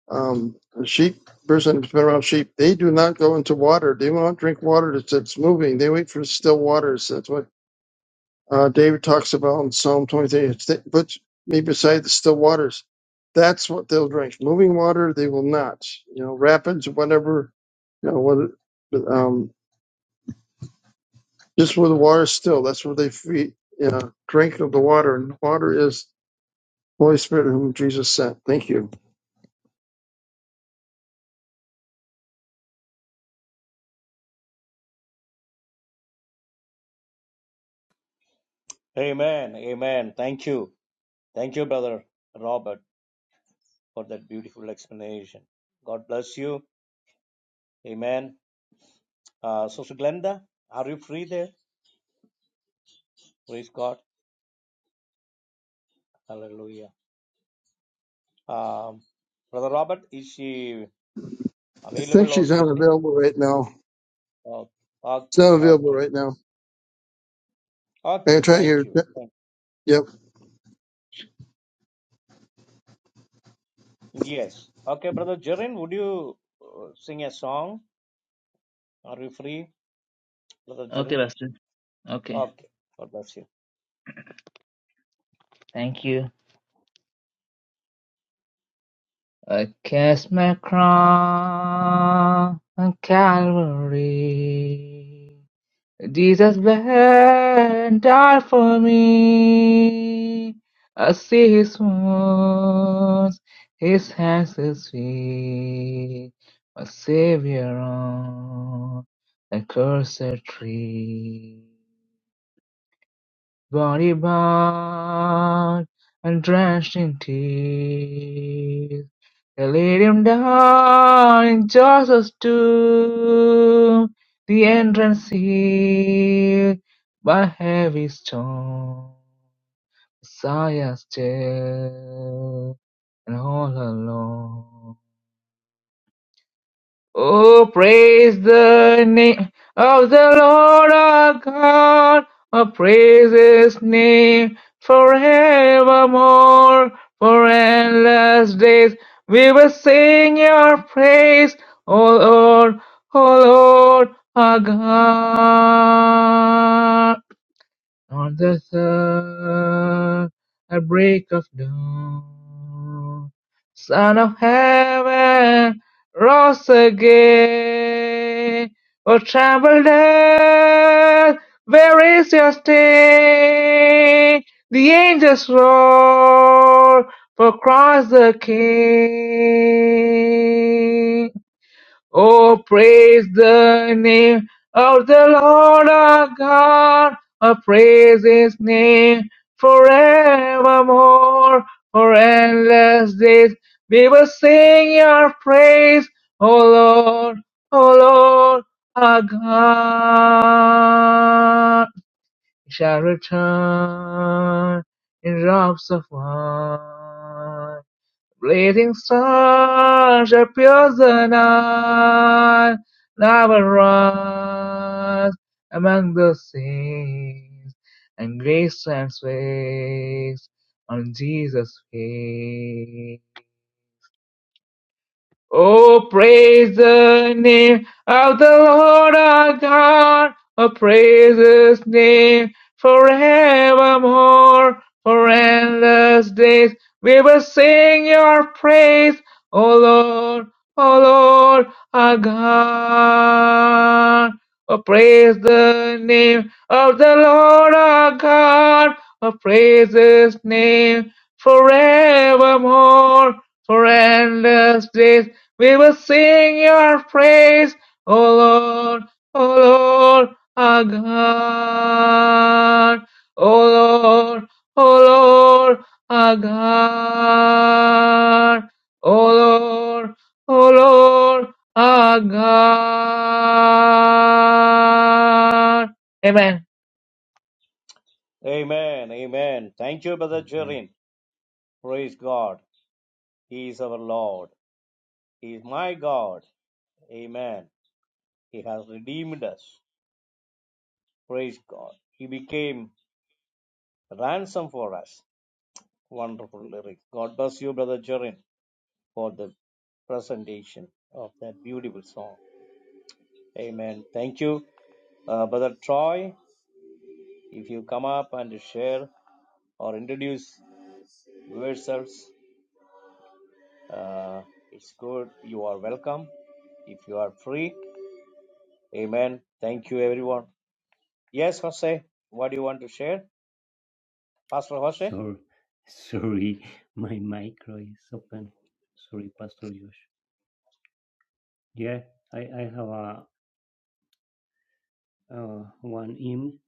Um, the sheep person who's been around sheep. They do not go into water. They won't drink water that's, that's moving. They wait for still waters. That's what uh, David talks about in Psalm 23. Sta- Put me beside the still waters. That's what they'll drink. Moving water, they will not. You know, rapids, whatever. You know, what. Just where the water is still, that's where they feed, uh, drink of the water, and the water is the Holy Spirit whom Jesus sent. Thank you. Amen. Amen. Thank you. Thank you, Brother Robert, for that beautiful explanation. God bless you. Amen. Uh, Sister Glenda, are you free there? Praise God. Hallelujah. Um, Brother Robert, is she? I think Available or she's not busy? available right now. Okay, It's not okay, available okay. right now. I Okay, try to Thank get you. her. Thank Yep. Yes. Okay, brother Jerin, would you uh, sing a song? Are you free, brother Jerin? Okay. God bless you. stars among the saints, and grace transfixed on Jesus' face. Oh, praise the name of the Lord our God. Oh, praise his name forevermore. For endless days we will sing your praise. O Lord, O Lord our God. Oh, praise the name of the Lord our God. Oh, praise his name forevermore. For endless days we will sing your praise, O Lord, O Lord, our God. O Lord, O Lord, our God. O Lord, O Lord, our God. Amen. Amen. Amen. Thank you, brother Amen. Jerin. Praise God. He is our Lord. He is my God. Amen. He has redeemed us. Praise God. He became ransom for us. Wonderful lyrics. God bless you, brother Jerin, for the presentation of that beautiful song. Amen. Thank you, uh, Brother Troy. If you come up and share or introduce yourselves, uh, it's good. You are welcome. If you are free, Amen. Thank you, everyone. Yes, Jose, what do you want to share, Pastor Jose? Sorry, [LAUGHS] sorry, my micro is open. Sorry, Pastor Josh. Yeah, I, I have a uh, one hymn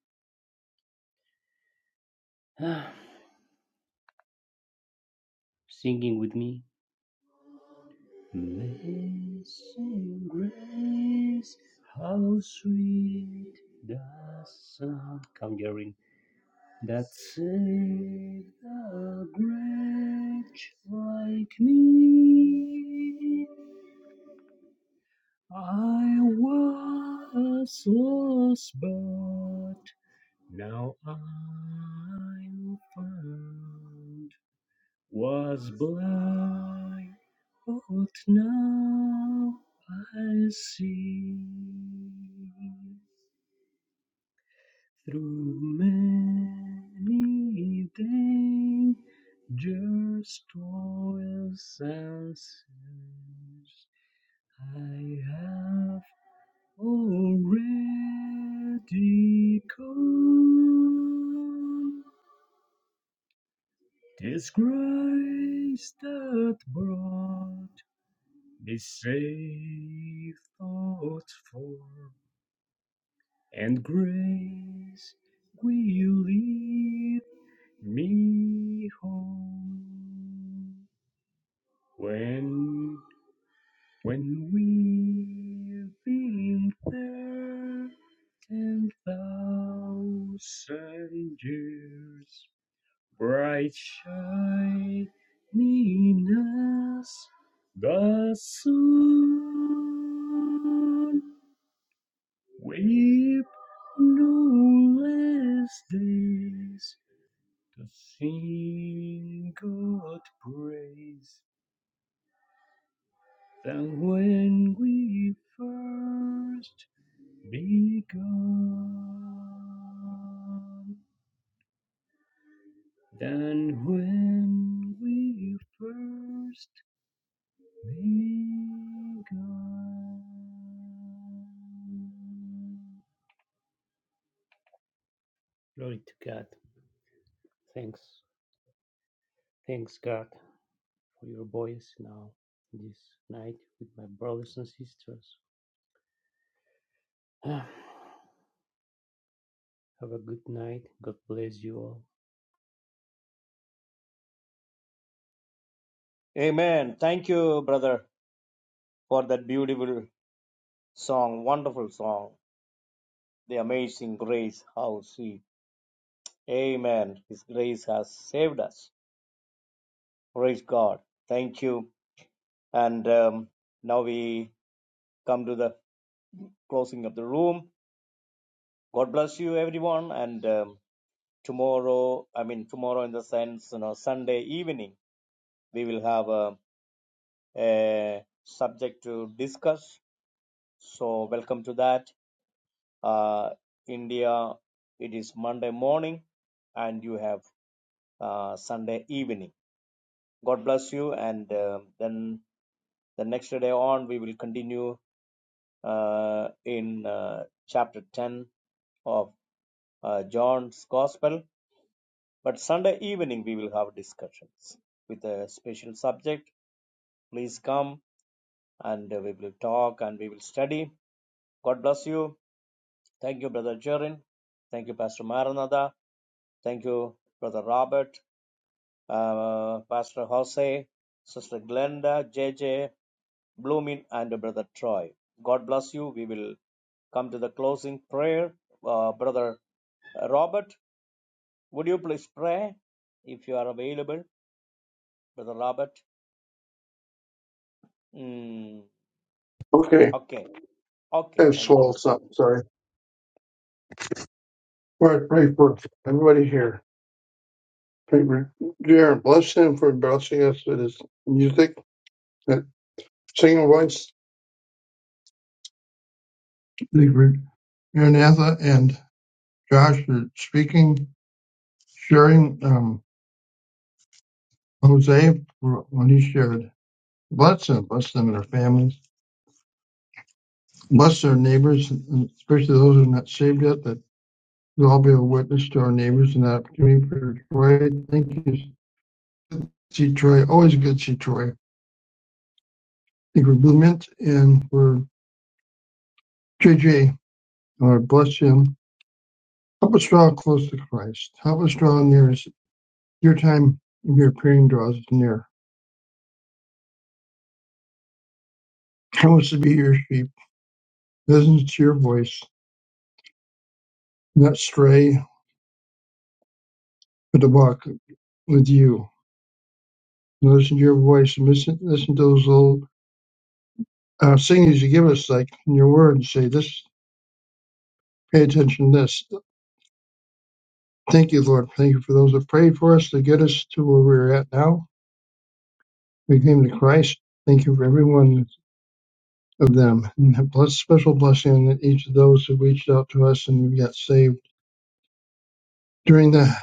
[SIGHS] singing with me. Amazing grace, how sweet the sound. Come, Gary. That saved a wretch like me. I was lost, but now I'm found. Was blind, but now I see. Through many dangers, toils, and snares, I have already come. 'Tis grace that brought This safe thought form and grace will lead me home. When, when we've been there ten thousand years, bright shining as the sun. Weep no less days to sing God praise than when we first began. Than when we first began. Glory to God. Thanks. Thanks, God. for your voice now, this night, with my brothers and sisters. [SIGHS] Have a good night. God bless you all. Amen. Thank you, brother, for that beautiful song, wonderful song, the amazing grace. How sweet. Amen. His grace has saved us. Praise God. Thank you. And um, now we come to the closing of the room. God bless you, everyone. And um, tomorrow, I mean, tomorrow in the sense, you know, Sunday evening, we will have a, a subject to discuss. So, welcome to that. Uh, India, it is Monday morning, and you have uh, Sunday evening. God bless you. And um then the next day on, we will continue uh, in uh, chapter 10 of uh, John's Gospel But Sunday evening we will have discussions with a special subject. Please come and uh, we will talk and we will study. God bless you. Thank you, Brother Jerin. Thank you, Pastor Maranatha. Thank you, Brother Robert, uh, Pastor Jose, Sister Glenda, JJ, Bloomin, and Brother Troy. God bless you. We will come to the closing prayer. Uh, Brother Robert, would you please pray if you are available, Brother Robert? Mm, Okay. okay. Okay, I thank swallowed you, thank something. you. Sorry. Lord, pray for everybody here. Pray for Jared. Bless him for blessing us with his music, that singing voice. Thank you for Maranatha and Josh for speaking, sharing, um, Jose for when he shared. Bless them, bless them and their families, bless their neighbors, and especially those who are not saved yet, that we'll all be a witness to our neighbors and that opportunity for Troy. Thank you, see Troy. Always good to see Troy. Thank you for Blument and for JJ. Lord bless him. Help us draw close to Christ. Help us draw near. us. Your time of your appearing draws us near. Help us to be your sheep. Listen to your voice, not stray, but to walk with you. Listen to your voice. Listen, listen to those little uh, seeing as you give us like in your word, and say this, pay attention to this. Thank you, Lord. Thank you for those that prayed for us to get us to where we're at now. We came to Christ. Thank you for every one of them. And a bless, special blessing on each of those who reached out to us and we got saved during the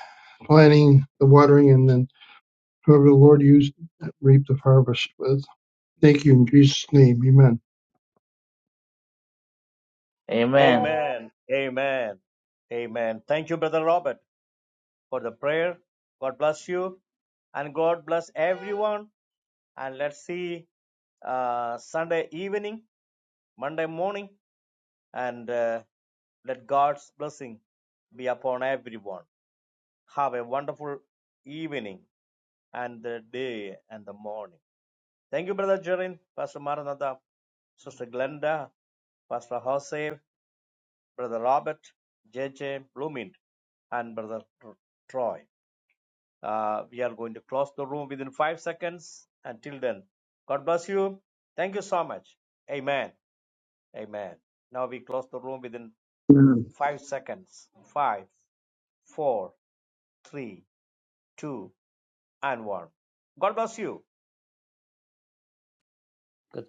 planting, the watering, and then whoever the Lord used reap the harvest with. Thank you in Jesus' name. Amen. Amen, amen, amen. Thank you, Brother Robert, for the prayer. God bless you, and God bless everyone. And let's see uh, Sunday evening, Monday morning, and uh, let God's blessing be upon everyone. Have a wonderful evening and the day and the morning. Thank you, Brother Jerin, Pastor Maranatha, Sister Glenda, Pastor Jose, Brother Robert, JJ Blooming. and Brother Troy. Uh, we are going to close the room within five seconds. Until then, God bless you. Thank you so much. Amen. Amen. Now we close the room within five seconds. Five, four, three, two, and one. God bless you. God